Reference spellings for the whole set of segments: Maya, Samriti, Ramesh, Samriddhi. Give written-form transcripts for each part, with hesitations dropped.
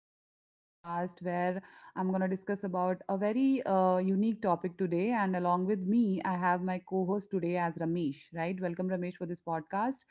another podcast where I'm going to discuss about a very unique topic today. And along with me, I have my co host today as Ramesh, right? Welcome, Ramesh, for this podcast.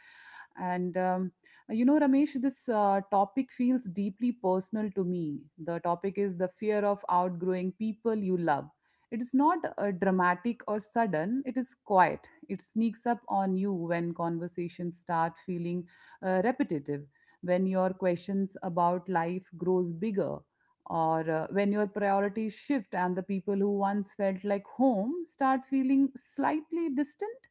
And um, Ramesh, this topic feels deeply personal to me. The topic is the fear of outgrowing people you love. It is not dramatic or sudden, it is quiet. It sneaks up on you when conversations start feeling repetitive, when your questions about life grows bigger, or when your priorities shift and the people who once felt like home start feeling slightly distant.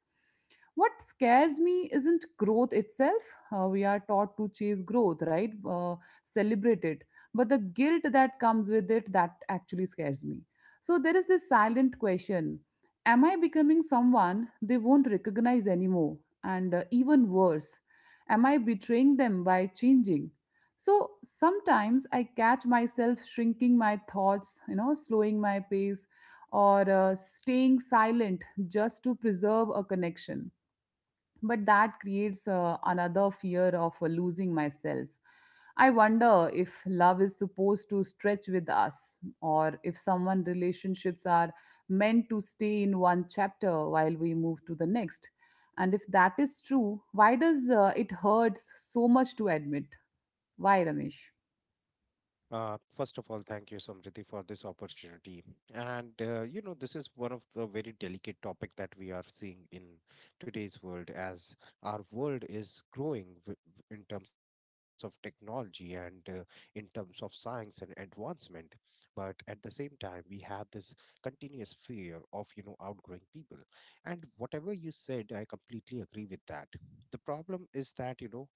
What scares me isn't growth itself. We are taught to chase growth, right? uh, Celebrate it. But the guilt that comes with it, that actually scares me. So there is this silent question: am I becoming someone they won't recognize anymore? And even worse, am I betraying them by changing? So sometimes I catch myself shrinking my thoughts, you know, slowing my pace, or staying silent just to preserve a connection. But that creates another fear of losing myself. I wonder if love is supposed to stretch with us, or if someone relationships are meant to stay in one chapter while we move to the next. And if that is true, why does it hurts so much to admit? Why, Ramesh? First of all, thank you, Samriddhi, for this opportunity. And this is one of the very delicate topic that we are seeing in today's world, as our world is growing in terms of technology and in terms of science and advancement. But at the same time, we have this continuous fear of outgrowing people. And whatever you said, I completely agree with that. The problem is that you know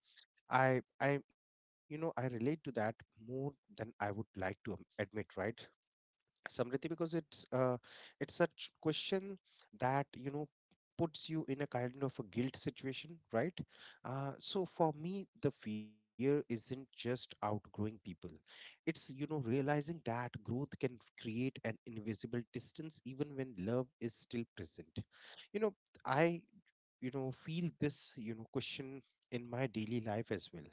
I, I, you know, I relate to that more than I would like to admit, right, Samriti? Because it's such question that puts you in a kind of a guilt situation, right? So for me, the fear isn't just outgrowing people; it's realizing that growth can create an invisible distance, even when love is still present. You know, I feel this question in my daily life as well,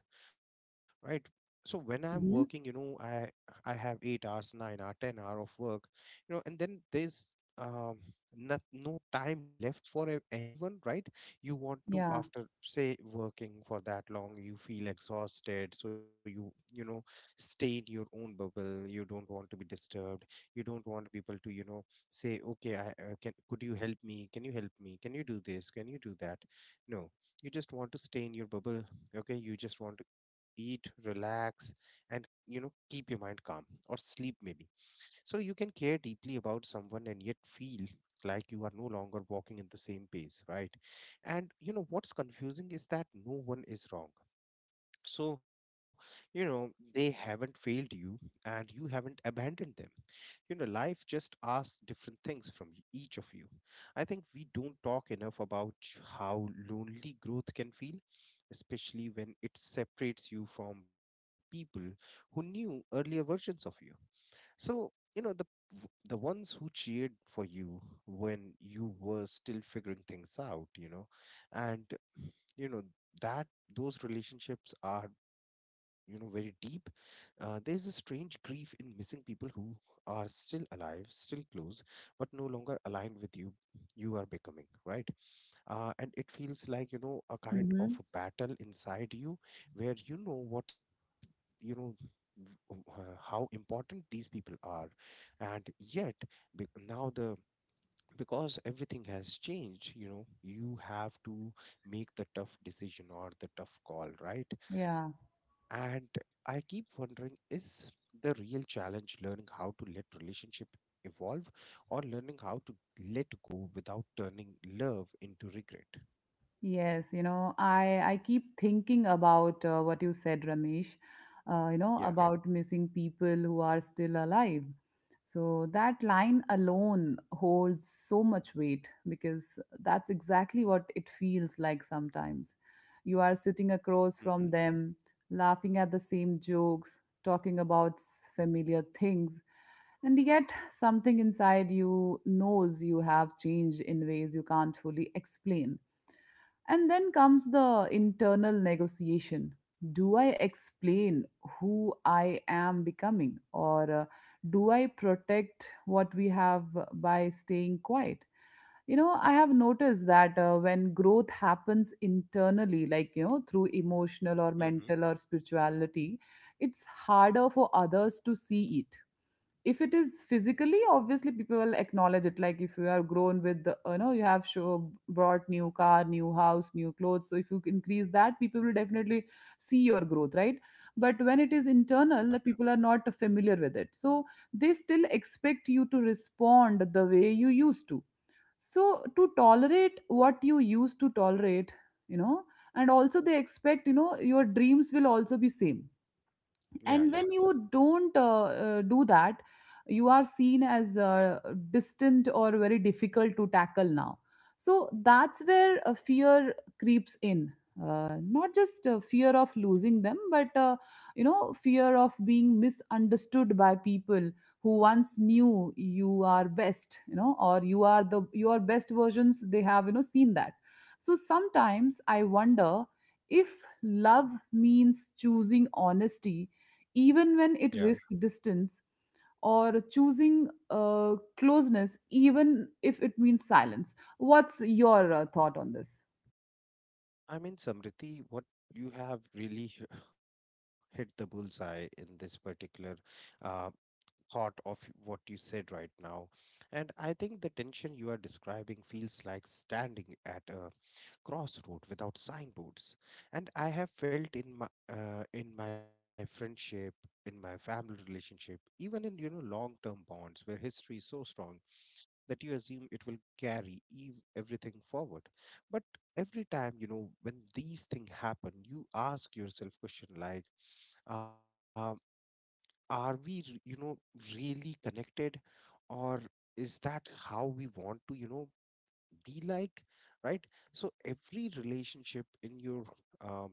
right? So when I'm working, Mm-hmm. I have 8 hours, 9 hour, 10 hour of work, you know. And then there's um not, no time left for anyone, right? You want to, Yeah. after say working for that long, you feel exhausted, so you know, stay in your own bubble. You don't want to be disturbed. You don't want people to, you know, say, okay, I can could you help me, can you help me, can you do this, can you do that? No, you just want to stay in your bubble. Okay, you just want to eat, relax, and, you know, keep your mind calm or sleep maybe. So you can care deeply about someone and yet feel like you are no longer walking in the same pace, right? And you know what's confusing is that no one is wrong. So, you know, they haven't failed you and you haven't abandoned them. You know, life just asks different things from each of you. I think we don't talk enough about how lonely growth can feel, especially when it separates you from people who knew earlier versions of you. So, you know, the ones who cheered for you when you were still figuring things out, you know. And, you know, that those relationships are, you know, very deep. There's a strange grief in missing people who are still alive, still close, but no longer aligned with you, you are becoming, right? And it feels like, you know, a kind Mm-hmm. of a battle inside you where you know you know how important these people are, and yet be- now the because everything has changed, you know, you have to make the tough decision or the tough call, right? Yeah. And I keep wondering, is the real challenge learning how to let relationship evolve, or learning how to let go without turning love into regret? Yes, you know, I keep thinking about what you said, Ramesh. Yeah. You know, about missing people who are still alive. So that line alone holds so much weight because that's exactly what it feels like sometimes. You are sitting across from Mhm. them, laughing at the same jokes, talking about familiar things, and yet something inside you knows you have changed in ways you can't fully explain. And then comes the internal negotiation. Do I explain who I am becoming, or do I protect what we have by staying quiet? You know, I have noticed that when growth happens internally, like, you know, through emotional Mhm. or mental or spirituality, it's harder for others to see it. If it is physically, obviously people will acknowledge it, like if you are grown with the, you know, you have show, brought new car, new house, new clothes, so if you increase that, people will definitely see your growth, right? But when it is Yeah, internal, that people are not familiar with it, so they still expect you to respond the way you used to, so to tolerate what you used to tolerate, you know. And also they expect, you know, your dreams will also be same. yeah, yeah, And when you don't do that, you are seen as distant or very difficult to tackle now. So that's where fear creeps in. Not just fear of losing them, but you know, fear of being misunderstood by people who once knew you are best, you know, or you are the your best versions they have, you know, seen that. So sometimes I wonder if love means choosing honesty even when it yeah. risks distance, or choosing closeness, even if it means silence. What's your thought on this? I mean, Samriti, what you have really hit the bullseye in this particular uh, thought of what you said right now. And I think the tension you are describing feels like standing at a crossroad without signboards. And I have felt in my in my friendship, in my family relationship, even in, you know, long-term bonds where history is so strong that you assume it will carry everything forward. But every time, you know, when these things happen, you ask yourself question like. Um, are we really connected, or is that how we want to, you know, be like, right? So every relationship in your um,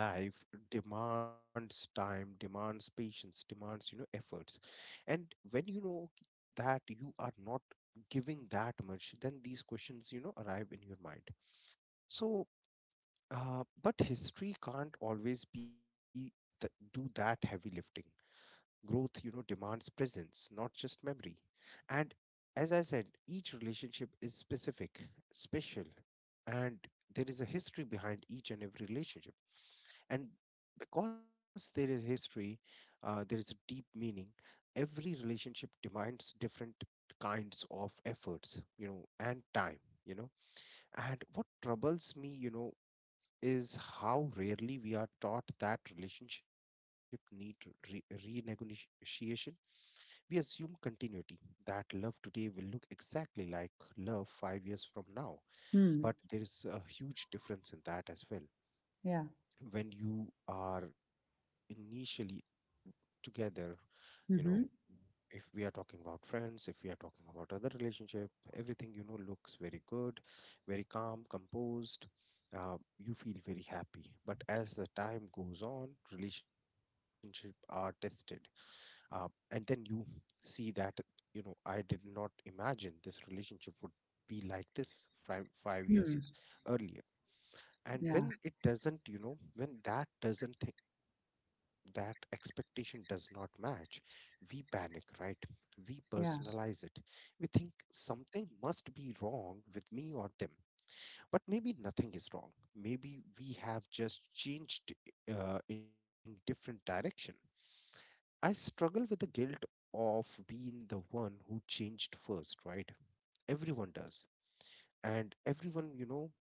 life demands time, demands patience, demands, you know, efforts. And when, you know, that you are not giving that much, then these questions, you know, arrive in your mind. So, but history can't always be do that heavy lifting. Growth, you know, demands presence, not just memory. And as I said, each relationship is specific, special. And there is a history behind each and every relationship. And because there is history, there is a deep meaning. Every relationship demands different kinds of efforts, you know, and time, you know. And what troubles me, you know, is how rarely we are taught that relationship need renegotiation. We assume continuity, that love today will look exactly like love 5 years from now. But Hmm. there is a huge difference in that as well. Yeah. When you are initially together, you know, Mm-hmm. if we are talking about friends, if we are talking about other relationship, everything, you know, looks very good, very calm, composed. You feel very happy. But as the time goes on, relationship are tested, uh, and then you see that, you know, I did not imagine this relationship would be like this five Hmm. years earlier. And Yeah. when it doesn't, you know, when that doesn't, that expectation does not match, we panic, right? We personalize Yeah. it, we think something must be wrong with me or them. But maybe nothing is wrong, maybe we have just changed, in different direction. I struggle with the guilt of being the one who changed first, right? Everyone does. And everyone, you know,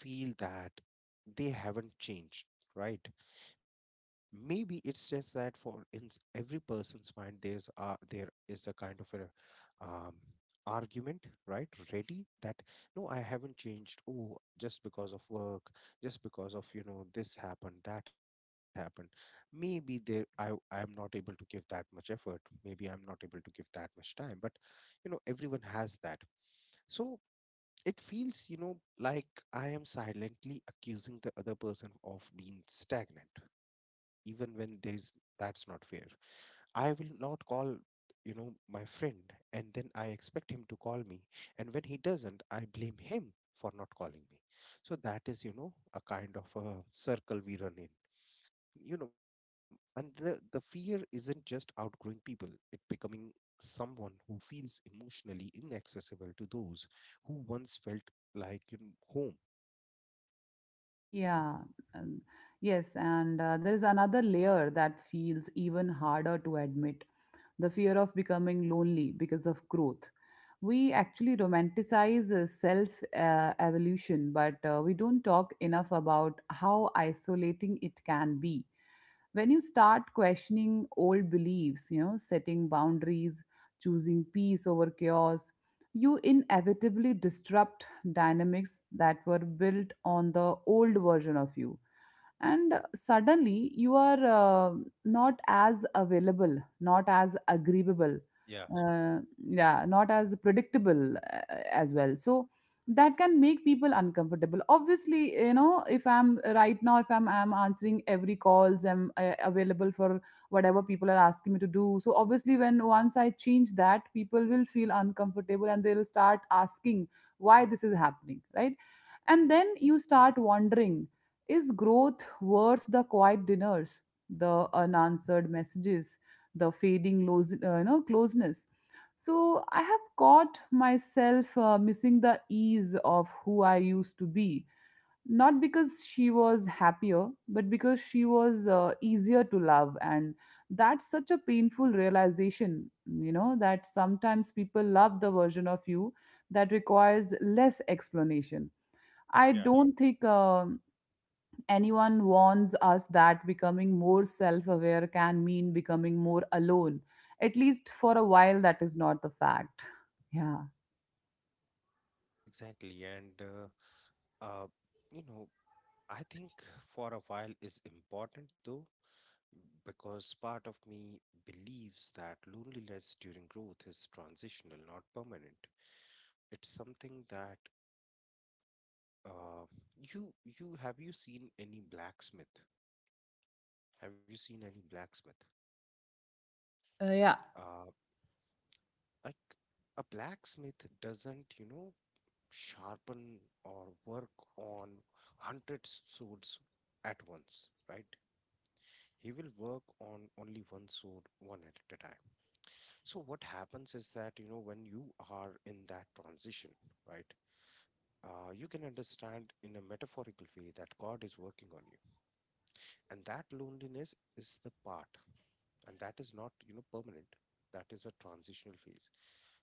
feel that they haven't changed, right? Maybe it's just that for every person's mind, there is a kind of a um, argument, right, ready, that, no, I haven't changed, oh, just because of work, just because of, you know, this happened, that happened. Maybe there I I'm not able to give that much effort, maybe I'm not able to give that much time, but, you know, everyone has that. So it feels, you know, like I am silently accusing the other person of being stagnant, even when there is, that's not fair. I will not call, you know, my friend, and then I expect him to call me, and when he doesn't, I blame him for not calling me. So that is, you know, a kind of a circle we run in, you know. And the fear isn't just outgrowing people, it becoming someone who feels emotionally inaccessible to those who once felt like, you know, home. Yeah, um, yes, and there is another layer that feels even harder to admit: the fear of becoming lonely because of growth. We actually romanticize self evolution, but we don't talk enough about how isolating it can be. When you start questioning old beliefs, you know, setting boundaries, choosing peace over chaos, you inevitably disrupt dynamics that were built on the old version of you, and suddenly you are not as available, not as agreeable, uh, yeah, not as predictable as well. So that can make people uncomfortable, obviously. You know, if I'm right now, if I'm answering every calls, I'm available for whatever people are asking me to do, so obviously when once I change that, people will feel uncomfortable and they'll start asking why this is happening, right? And then you start wondering, is growth worth the quiet dinners, the unanswered messages, the you know, closeness? So I have caught myself missing the ease of who I used to be. Not because she was happier, but because she was easier to love. And that's such a painful realization, you know, that sometimes people love the version of you that requires less explanation. I Yeah, don't think anyone warns us that becoming more self aware can mean becoming more alone. At least for a while, that is not the fact. Yeah. exactly. And uh you know, I think for a while is important though, because part of me believes that loneliness during growth is transitional, not permanent. It's something that uh you you have, you seen any blacksmith? Have you seen any blacksmith? Yeah. Uh, like, a blacksmith doesn't, you know, sharpen or work on hundreds swords at once, right? He will work on only one sword, one at a time. So what happens is that, you know, when you are in that transition, right? You can understand in a metaphorical way that God is working on you. And that loneliness is the part, and that is not, you know, permanent. That is a transitional phase.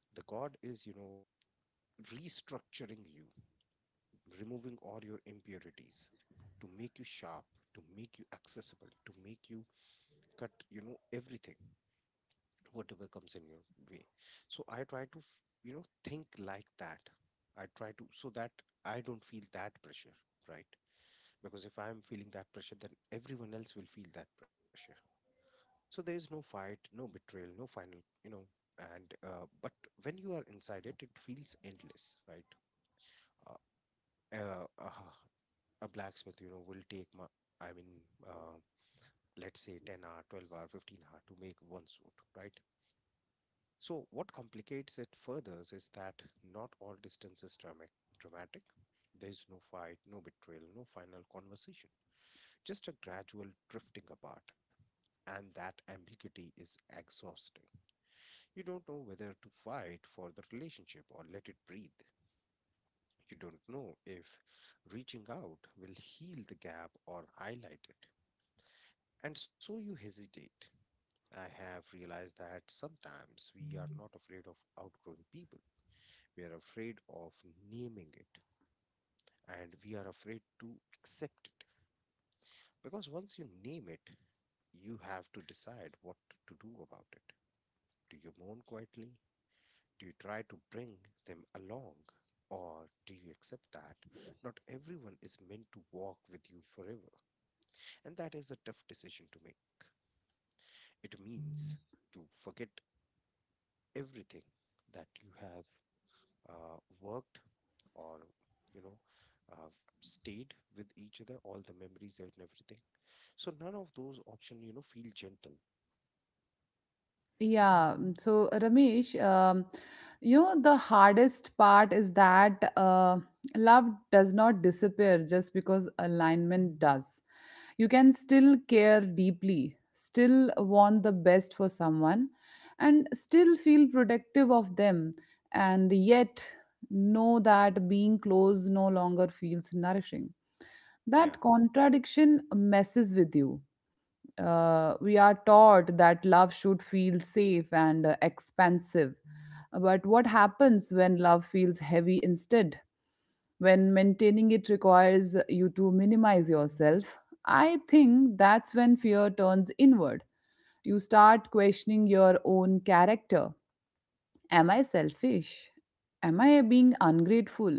The God is, you know, restructuring you, removing all your impurities to make you sharp, to make you accessible, to make you cut, you know, everything, whatever comes in your way. So I try to, you know, think like that. I try to, so that I don't feel that pressure, right? Because if I am feeling that pressure, then everyone else will feel that pressure. So there is no fight, no betrayal, no final, you know, and but when you are inside it, it feels endless, right? uh, uh, a blacksmith, you know, will take my, I mean, let's say 10 hour, 12 hour, 15 hour to make one suit, right? So what complicates it further is that not all distance is dramatic. There is no fight, no betrayal, no final conversation, just a gradual drifting apart. And that ambiguity is exhausting. You don't know whether to fight for the relationship or let it breathe. You don't know if reaching out will heal the gap or highlight it. And so you hesitate. I have realized that sometimes we are not afraid of outgrowing people. We are afraid of naming it, and we are afraid to accept it. Because once you name it, you have to decide what to do about it. Do you mourn quietly? Do you try to bring them along? Or do you accept that not everyone is meant to walk with you forever? And that is a tough decision to make. It means to forget everything that you have worked or you know uh, stayed with each other, all the memories and everything. So none of those options feel gentle. Yeah. Mm. So, Ramesh, you know, the hardest part is that love does not disappear just because alignment does. You can still care deeply, still want the best for someone, and still feel protective of them, and yet know that being close no longer feels nourishing. Yeah, That contradiction messes with you. We are taught that love should feel safe and expansive. But what happens when love feels heavy instead? When maintaining it requires you to minimize yourself? I think that's when fear turns inward. You start questioning your own character. Am I selfish? Am I being ungrateful?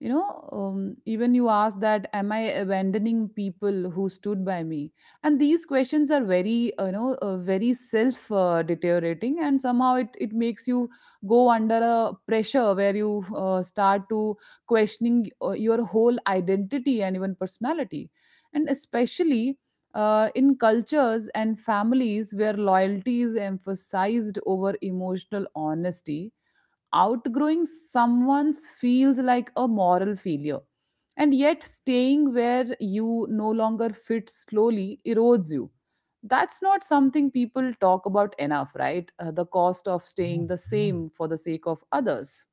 You know, even you ask that, am I abandoning people who stood by me? And these questions are very, you know, very self deteriorating, and somehow it makes you go under a pressure where you start to questioning your whole identity and even personality. And especially in cultures and families where loyalty is emphasized over emotional honesty, outgrowing someone's feels like a moral failure. And yet, staying where you no longer fit slowly erodes you. That's not something people talk about enough, right? The cost of staying the same for the sake of others.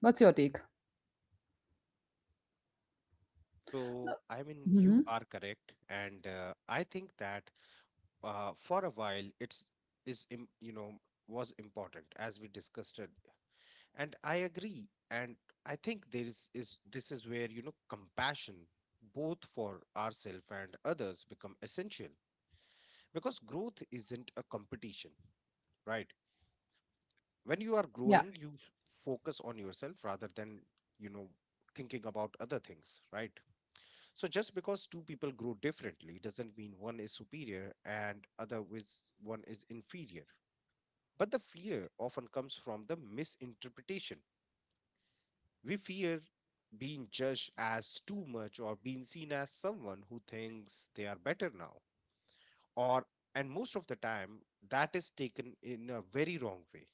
What's your take? so I mean Hmm. you are correct, and I think that for a while it's is im- you know was important as we discussed it, and I agree. And I think there is this is where compassion both for ourselves and others become essential, because growth isn't a competition, right? When you are Yeah. growing you focus on yourself rather than, you know, thinking about other things, right? So just because two people grow differently doesn't mean one is superior and other is one is inferior. But the fear often comes from the misinterpretation. We fear being judged as too much or being seen as someone who thinks they are better now. Or, and most of the time that is taken in a very wrong way.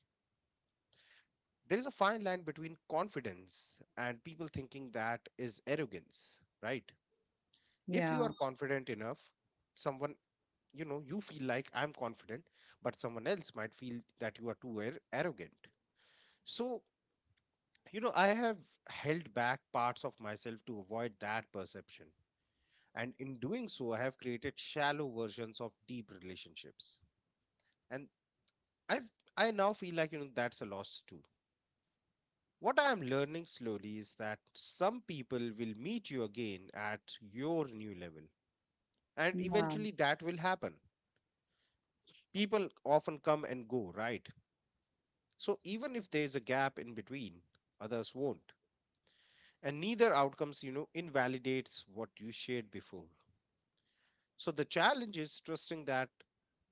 There is a fine line between confidence and people thinking that is arrogance, right? If you are Yeah. confident enough, someone, you know, you feel like I'm confident, but someone else might feel that you are too arrogant. So, you know, I have held back parts of myself to avoid that perception. And in doing so, I have created shallow versions of deep relationships. And I've, I now feel like, you know, that's a loss too. What I am learning slowly is that some people will meet you again at your new level, and Yeah. eventually that will happen. People often come and go, right? So even if there is a gap in between, others won't. And neither outcomes, you know, invalidates what you shared before. So the challenge is trusting that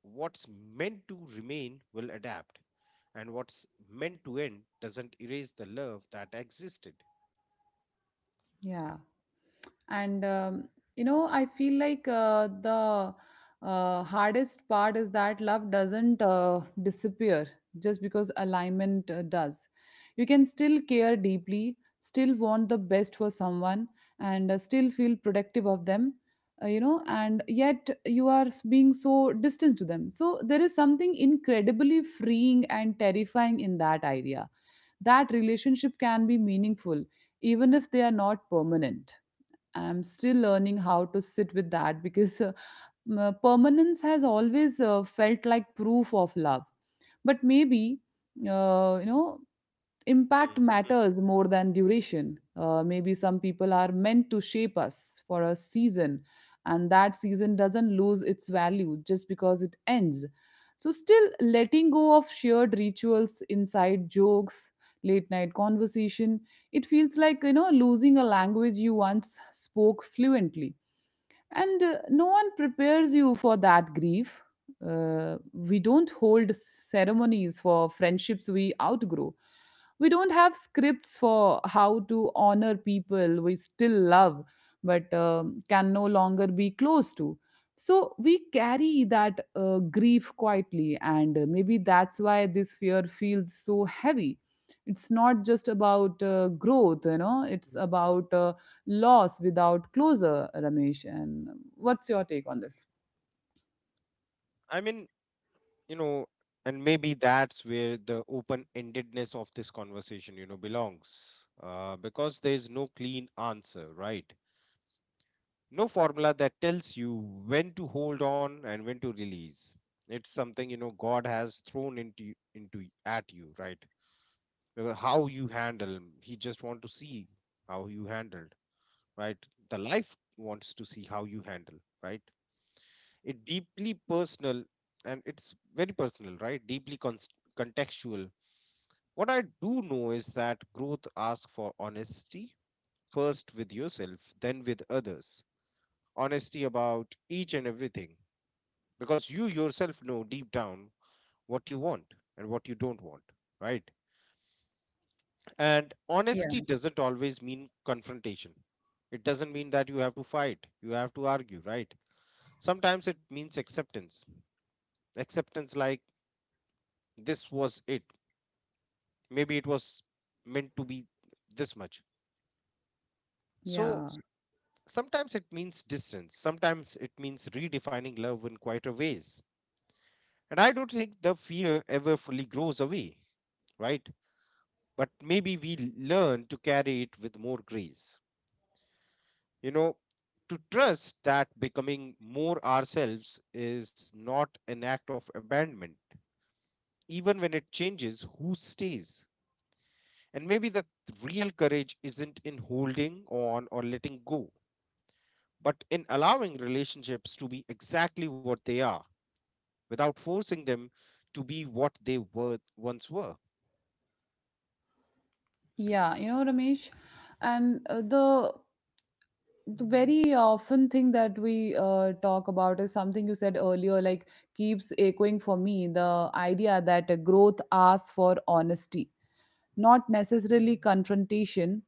what's meant to remain will adapt, and what's meant to end doesn't erase the love that existed. Yeah. And you know, I feel like the hardest part is that love doesn't disappear just because alignment does. You can still care deeply, still want the best for someone, and still feel protective of them, you know, and yet you are being so distant to them. So there is something incredibly freeing and terrifying in that idea, that relationship can be meaningful even if they are not permanent. I'm still learning how to sit with that because permanence has always felt like proof of love. But maybe, you know, impact matters more than duration. Maybe some people are meant to shape us for a season, and that season doesn't lose its value just because it ends. So, still letting go of shared rituals, inside jokes, late night conversation, it feels like, you know, losing a language you once spoke fluently. And no one prepares you for that grief. We don't hold ceremonies for friendships we outgrow. We don't have scripts for how to honor people we still love but can no longer be close to. So we carry that grief quietly, and maybe that's why this fear feels so heavy. It's not just about growth, you know, it's about loss without closure, Ramesh. And what's your take on this? I mean, you know, and maybe that's where the open endedness of this conversation, you know, belongs, because there is no clean answer, right? No formula that tells you when to hold on and when to release. It's something, you know, god has thrown into at you, right? How you handle, he just want to see how you handled, right? The life wants to see how you handle, right? It deeply personal, and it's very personal, right? Deeply contextual. What I do know is that growth asks for honesty, first with yourself, then with others. Honesty about each and everything, because you yourself know deep down what you want and what you don't want, right? And Yeah. honesty doesn't always mean confrontation. It doesn't mean that you have to fight, you have to argue, right? Sometimes it means acceptance. Acceptance like this was it. Maybe it was meant to be this much. Yeah. So sometimes it means distance, sometimes it means redefining love in quieter ways. And I don't think the fear ever fully grows away, right? But maybe we learn to carry it with more grace. You know, to trust that becoming more ourselves is not an act of abandonment, even when it changes who stays. And maybe the real courage isn't in holding on or letting go, but in allowing relationships to be exactly what they are without forcing them to be what they were once were. Yeah. You know, Ramesh, and the very often thing that we talk about is something you said earlier, like, keeps echoing for me: the idea that growth asks for honesty, not necessarily confrontation.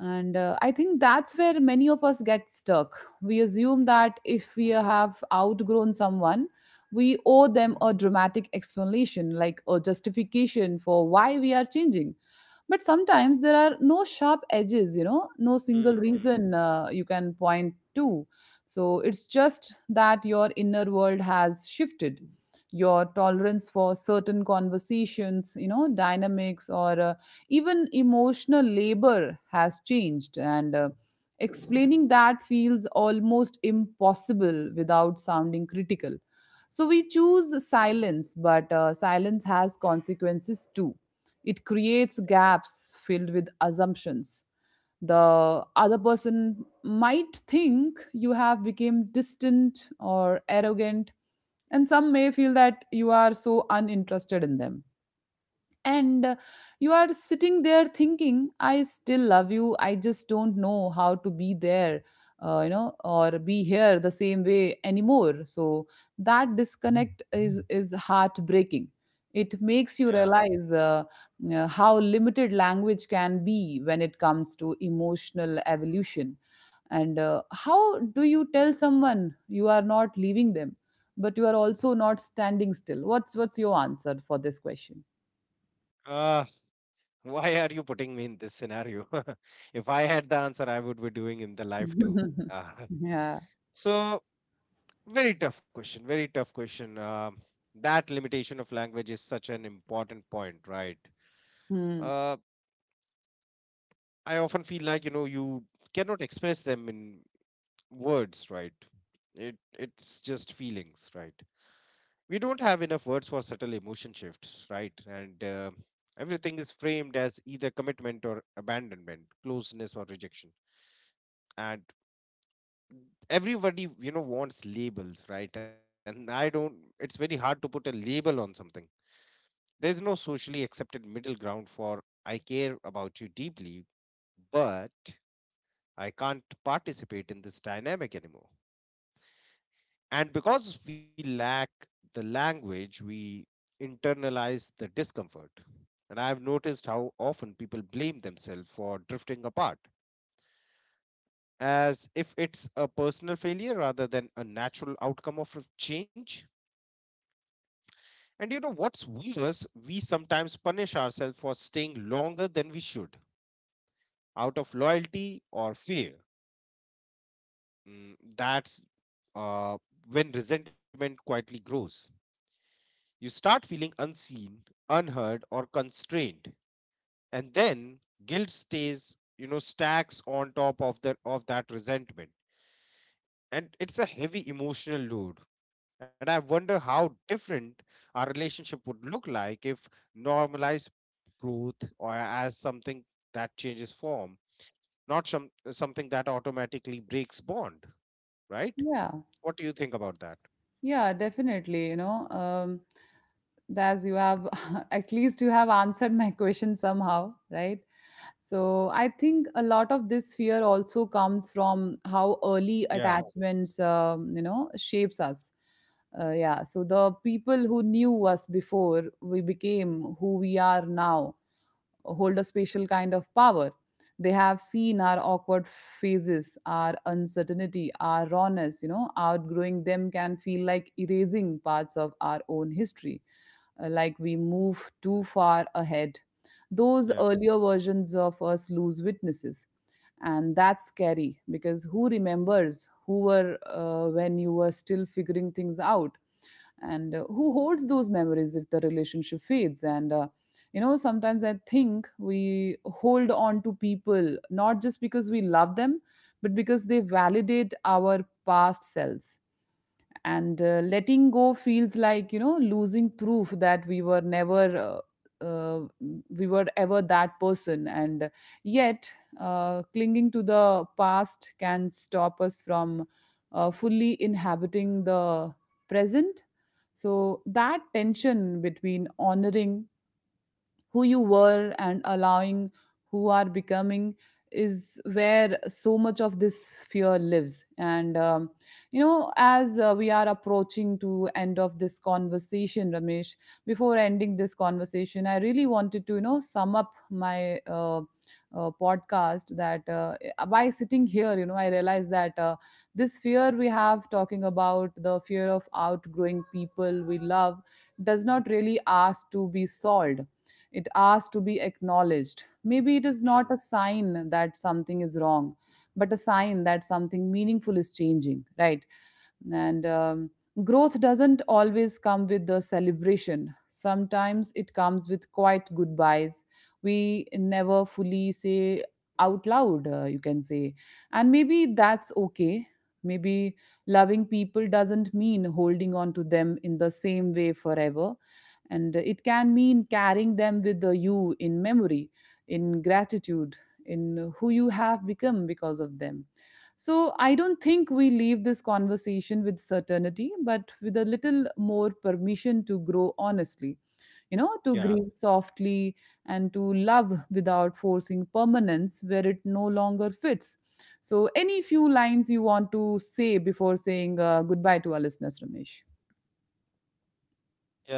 And I think that's where many of us get stuck. We assume that if we have outgrown someone, we owe them a dramatic explanation, like a justification for why we are changing. But sometimes there are no sharp edges, you know, no single Mm, mm, reason you can point to. So it's just that your inner world has shifted. Your tolerance for certain conversations, you know, dynamics, or even emotional labor has changed. And explaining that feels almost impossible without sounding critical. So we choose silence, but silence has consequences too. It creates gaps filled with assumptions. The other person might think you have become distant or arrogant, and some may feel that you are so uninterested in them. And you are sitting there thinking, I still love you, I just don't know how to be there, you know, or be here the same way anymore. So that disconnect is heartbreaking. It makes you yeah. realize how limited language can be when it comes to emotional evolution. And how do you tell someone you are not leaving them, but you are also not standing still? What's your answer for this question? Uh, why are you putting me in this scenario? If I had the answer, I would be doing in the life too. Uh, Yeah. so, very tough question. Very tough question. That limitation of language is such an important point, right? Mm. Uh, I often feel like, you know, you cannot express them in words, right? It's just feelings, right? We don't have enough words for subtle emotion shifts, right? And everything is framed as either commitment or abandonment, closeness or rejection. And everybody, you know, wants labels, right? And I don't, it's very hard to put a label on something. There's no socially accepted middle ground for I care about you deeply, but I can't participate in this dynamic anymore. And because we lack the language, we internalize the discomfort. And I have noticed how often people blame themselves for drifting apart, as if it's a personal failure rather than a natural outcome of change. And you know what's worse, we sometimes punish ourselves for staying longer than we should out of loyalty or fear. That's uh, when resentment quietly grows. You start feeling unseen, unheard, or constrained, and then guilt stays, you know, stacks on top of the of that resentment, and it's a heavy emotional load. And I wonder how different our relationship would look like if normalized growth or as something that changes form, not something that automatically breaks bond, right? Yeah. What do you think about that? Yeah, definitely. You know, as you have, at least you have answered my question somehow, right? So I think a lot of this fear also comes from how early Yeah, attachments, shapes us. Yeah. So the people who knew us before we became who we are now hold a special kind of power. They have seen our awkward phases, our uncertainty, our rawness. You know, outgrowing them can feel like erasing parts of our own history, like we move too far ahead. yeah, Those yeah. earlier versions of us lose witnesses, and that's scary because who remembers who were when you were still figuring things out? And who holds those memories if the relationship fades? And sometimes I think we hold on to people not just because we love them, but because they validate our past selves. And letting go feels like losing proof that we were never uh, uh, we were ever that person. And yet, clinging to the past can stop us from fully inhabiting the present. So that tension between honoring who you were and allowing who are becoming is where so much of this fear lives. And as we are approaching to end of this conversation, Ramesh, before ending this conversation I really wanted to sum up my podcast that by sitting here, I realized that this fear we have, talking about the fear of outgrowing people we love, does not really ask to be solved. It asks to be acknowledged. Maybe it is not a Hmm. sign that something is wrong, but a sign that something meaningful is changing, right? And growth doesn't always come with the celebration. Sometimes it comes with quite goodbyes. We never fully say out loud, you can say. And maybe that's okay. Maybe loving people doesn't mean holding on to them in the same way forever, and it can mean carrying them with you in memory, in gratitude, in who you have become because of them. So I don't think we leave this conversation with certainty, but with a little more permission to grow honestly, you know, to Yeah. grieve softly, and to love without forcing permanence where it no longer fits. So any few lines you want to say before saying goodbye to our listeners, Ramesh?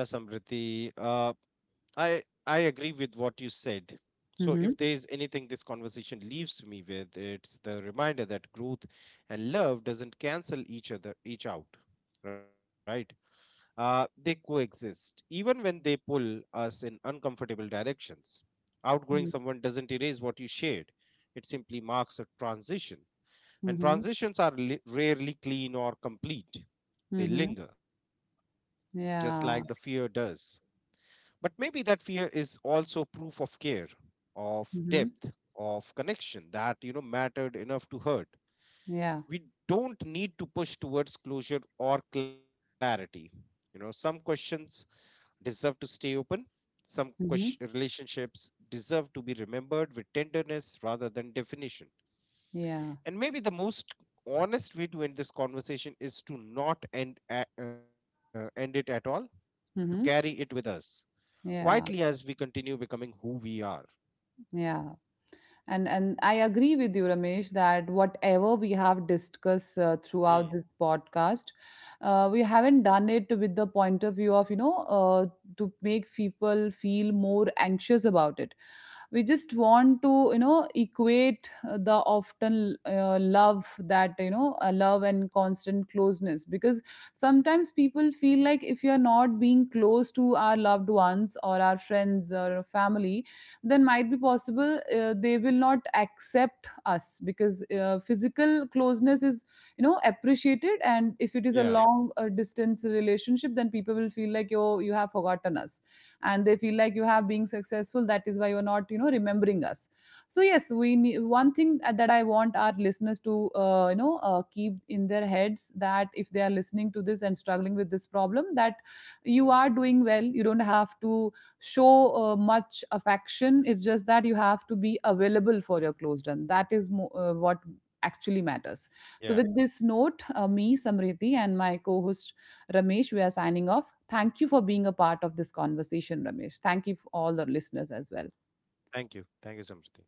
Yeah, Samriti. I agree with what you said. So Hmm. if there is anything this conversation leaves me with, it's the reminder that growth and love doesn't cancel each out, right? They coexist even when they pull us in uncomfortable directions. Outgrowing someone doesn't erase what you shared; it simply marks a transition. And Hmm. transitions are rarely clean or complete. They Hmm. linger, just like the fear Yeah. does, but maybe that fear is also proof of care, of depth, Mhm. of connection that, you know, mattered enough to hurt. Yeah. We don't need to push towards closure or clarity. You know, some questions deserve to stay open. Some Mhm. relationships deserve to be remembered with tenderness rather than definition. Yeah. And maybe the most honest way to end this conversation is to not end, end it at all, to carry it with Mhm. us quietly as Yeah. we continue becoming who we are. Yeah. And I agree with you, Ramesh, that whatever we have discussed Mm, throughout this podcast, we haven't done it with the point of view of to make people feel more anxious about it. We just want to equate the often love, that love and constant closeness, because sometimes people feel like if you are not being close to our loved ones or our friends or our family, then might be possible they will not accept us, because physical closeness is, you know, appreciated. And if it is a yeah, long distance relationship, then people will feel like you have forgotten us, and they feel like you have been successful, that is why you're not, you know, remembering us. So yes, we need one thing that I want our listeners to keep in their heads, that if they are listening to this and struggling with this problem, that you are doing well. You don't have to show much affection. It's just that you have to be available for your closed one. That is what actually matters. So with yeah. this note, me, Samriti, and my co-host Ramesh, we are signing off. Thank you for being a part of this conversation, Ramesh. Thank you for all the listeners as well. Thank you. Thank you, Samriti.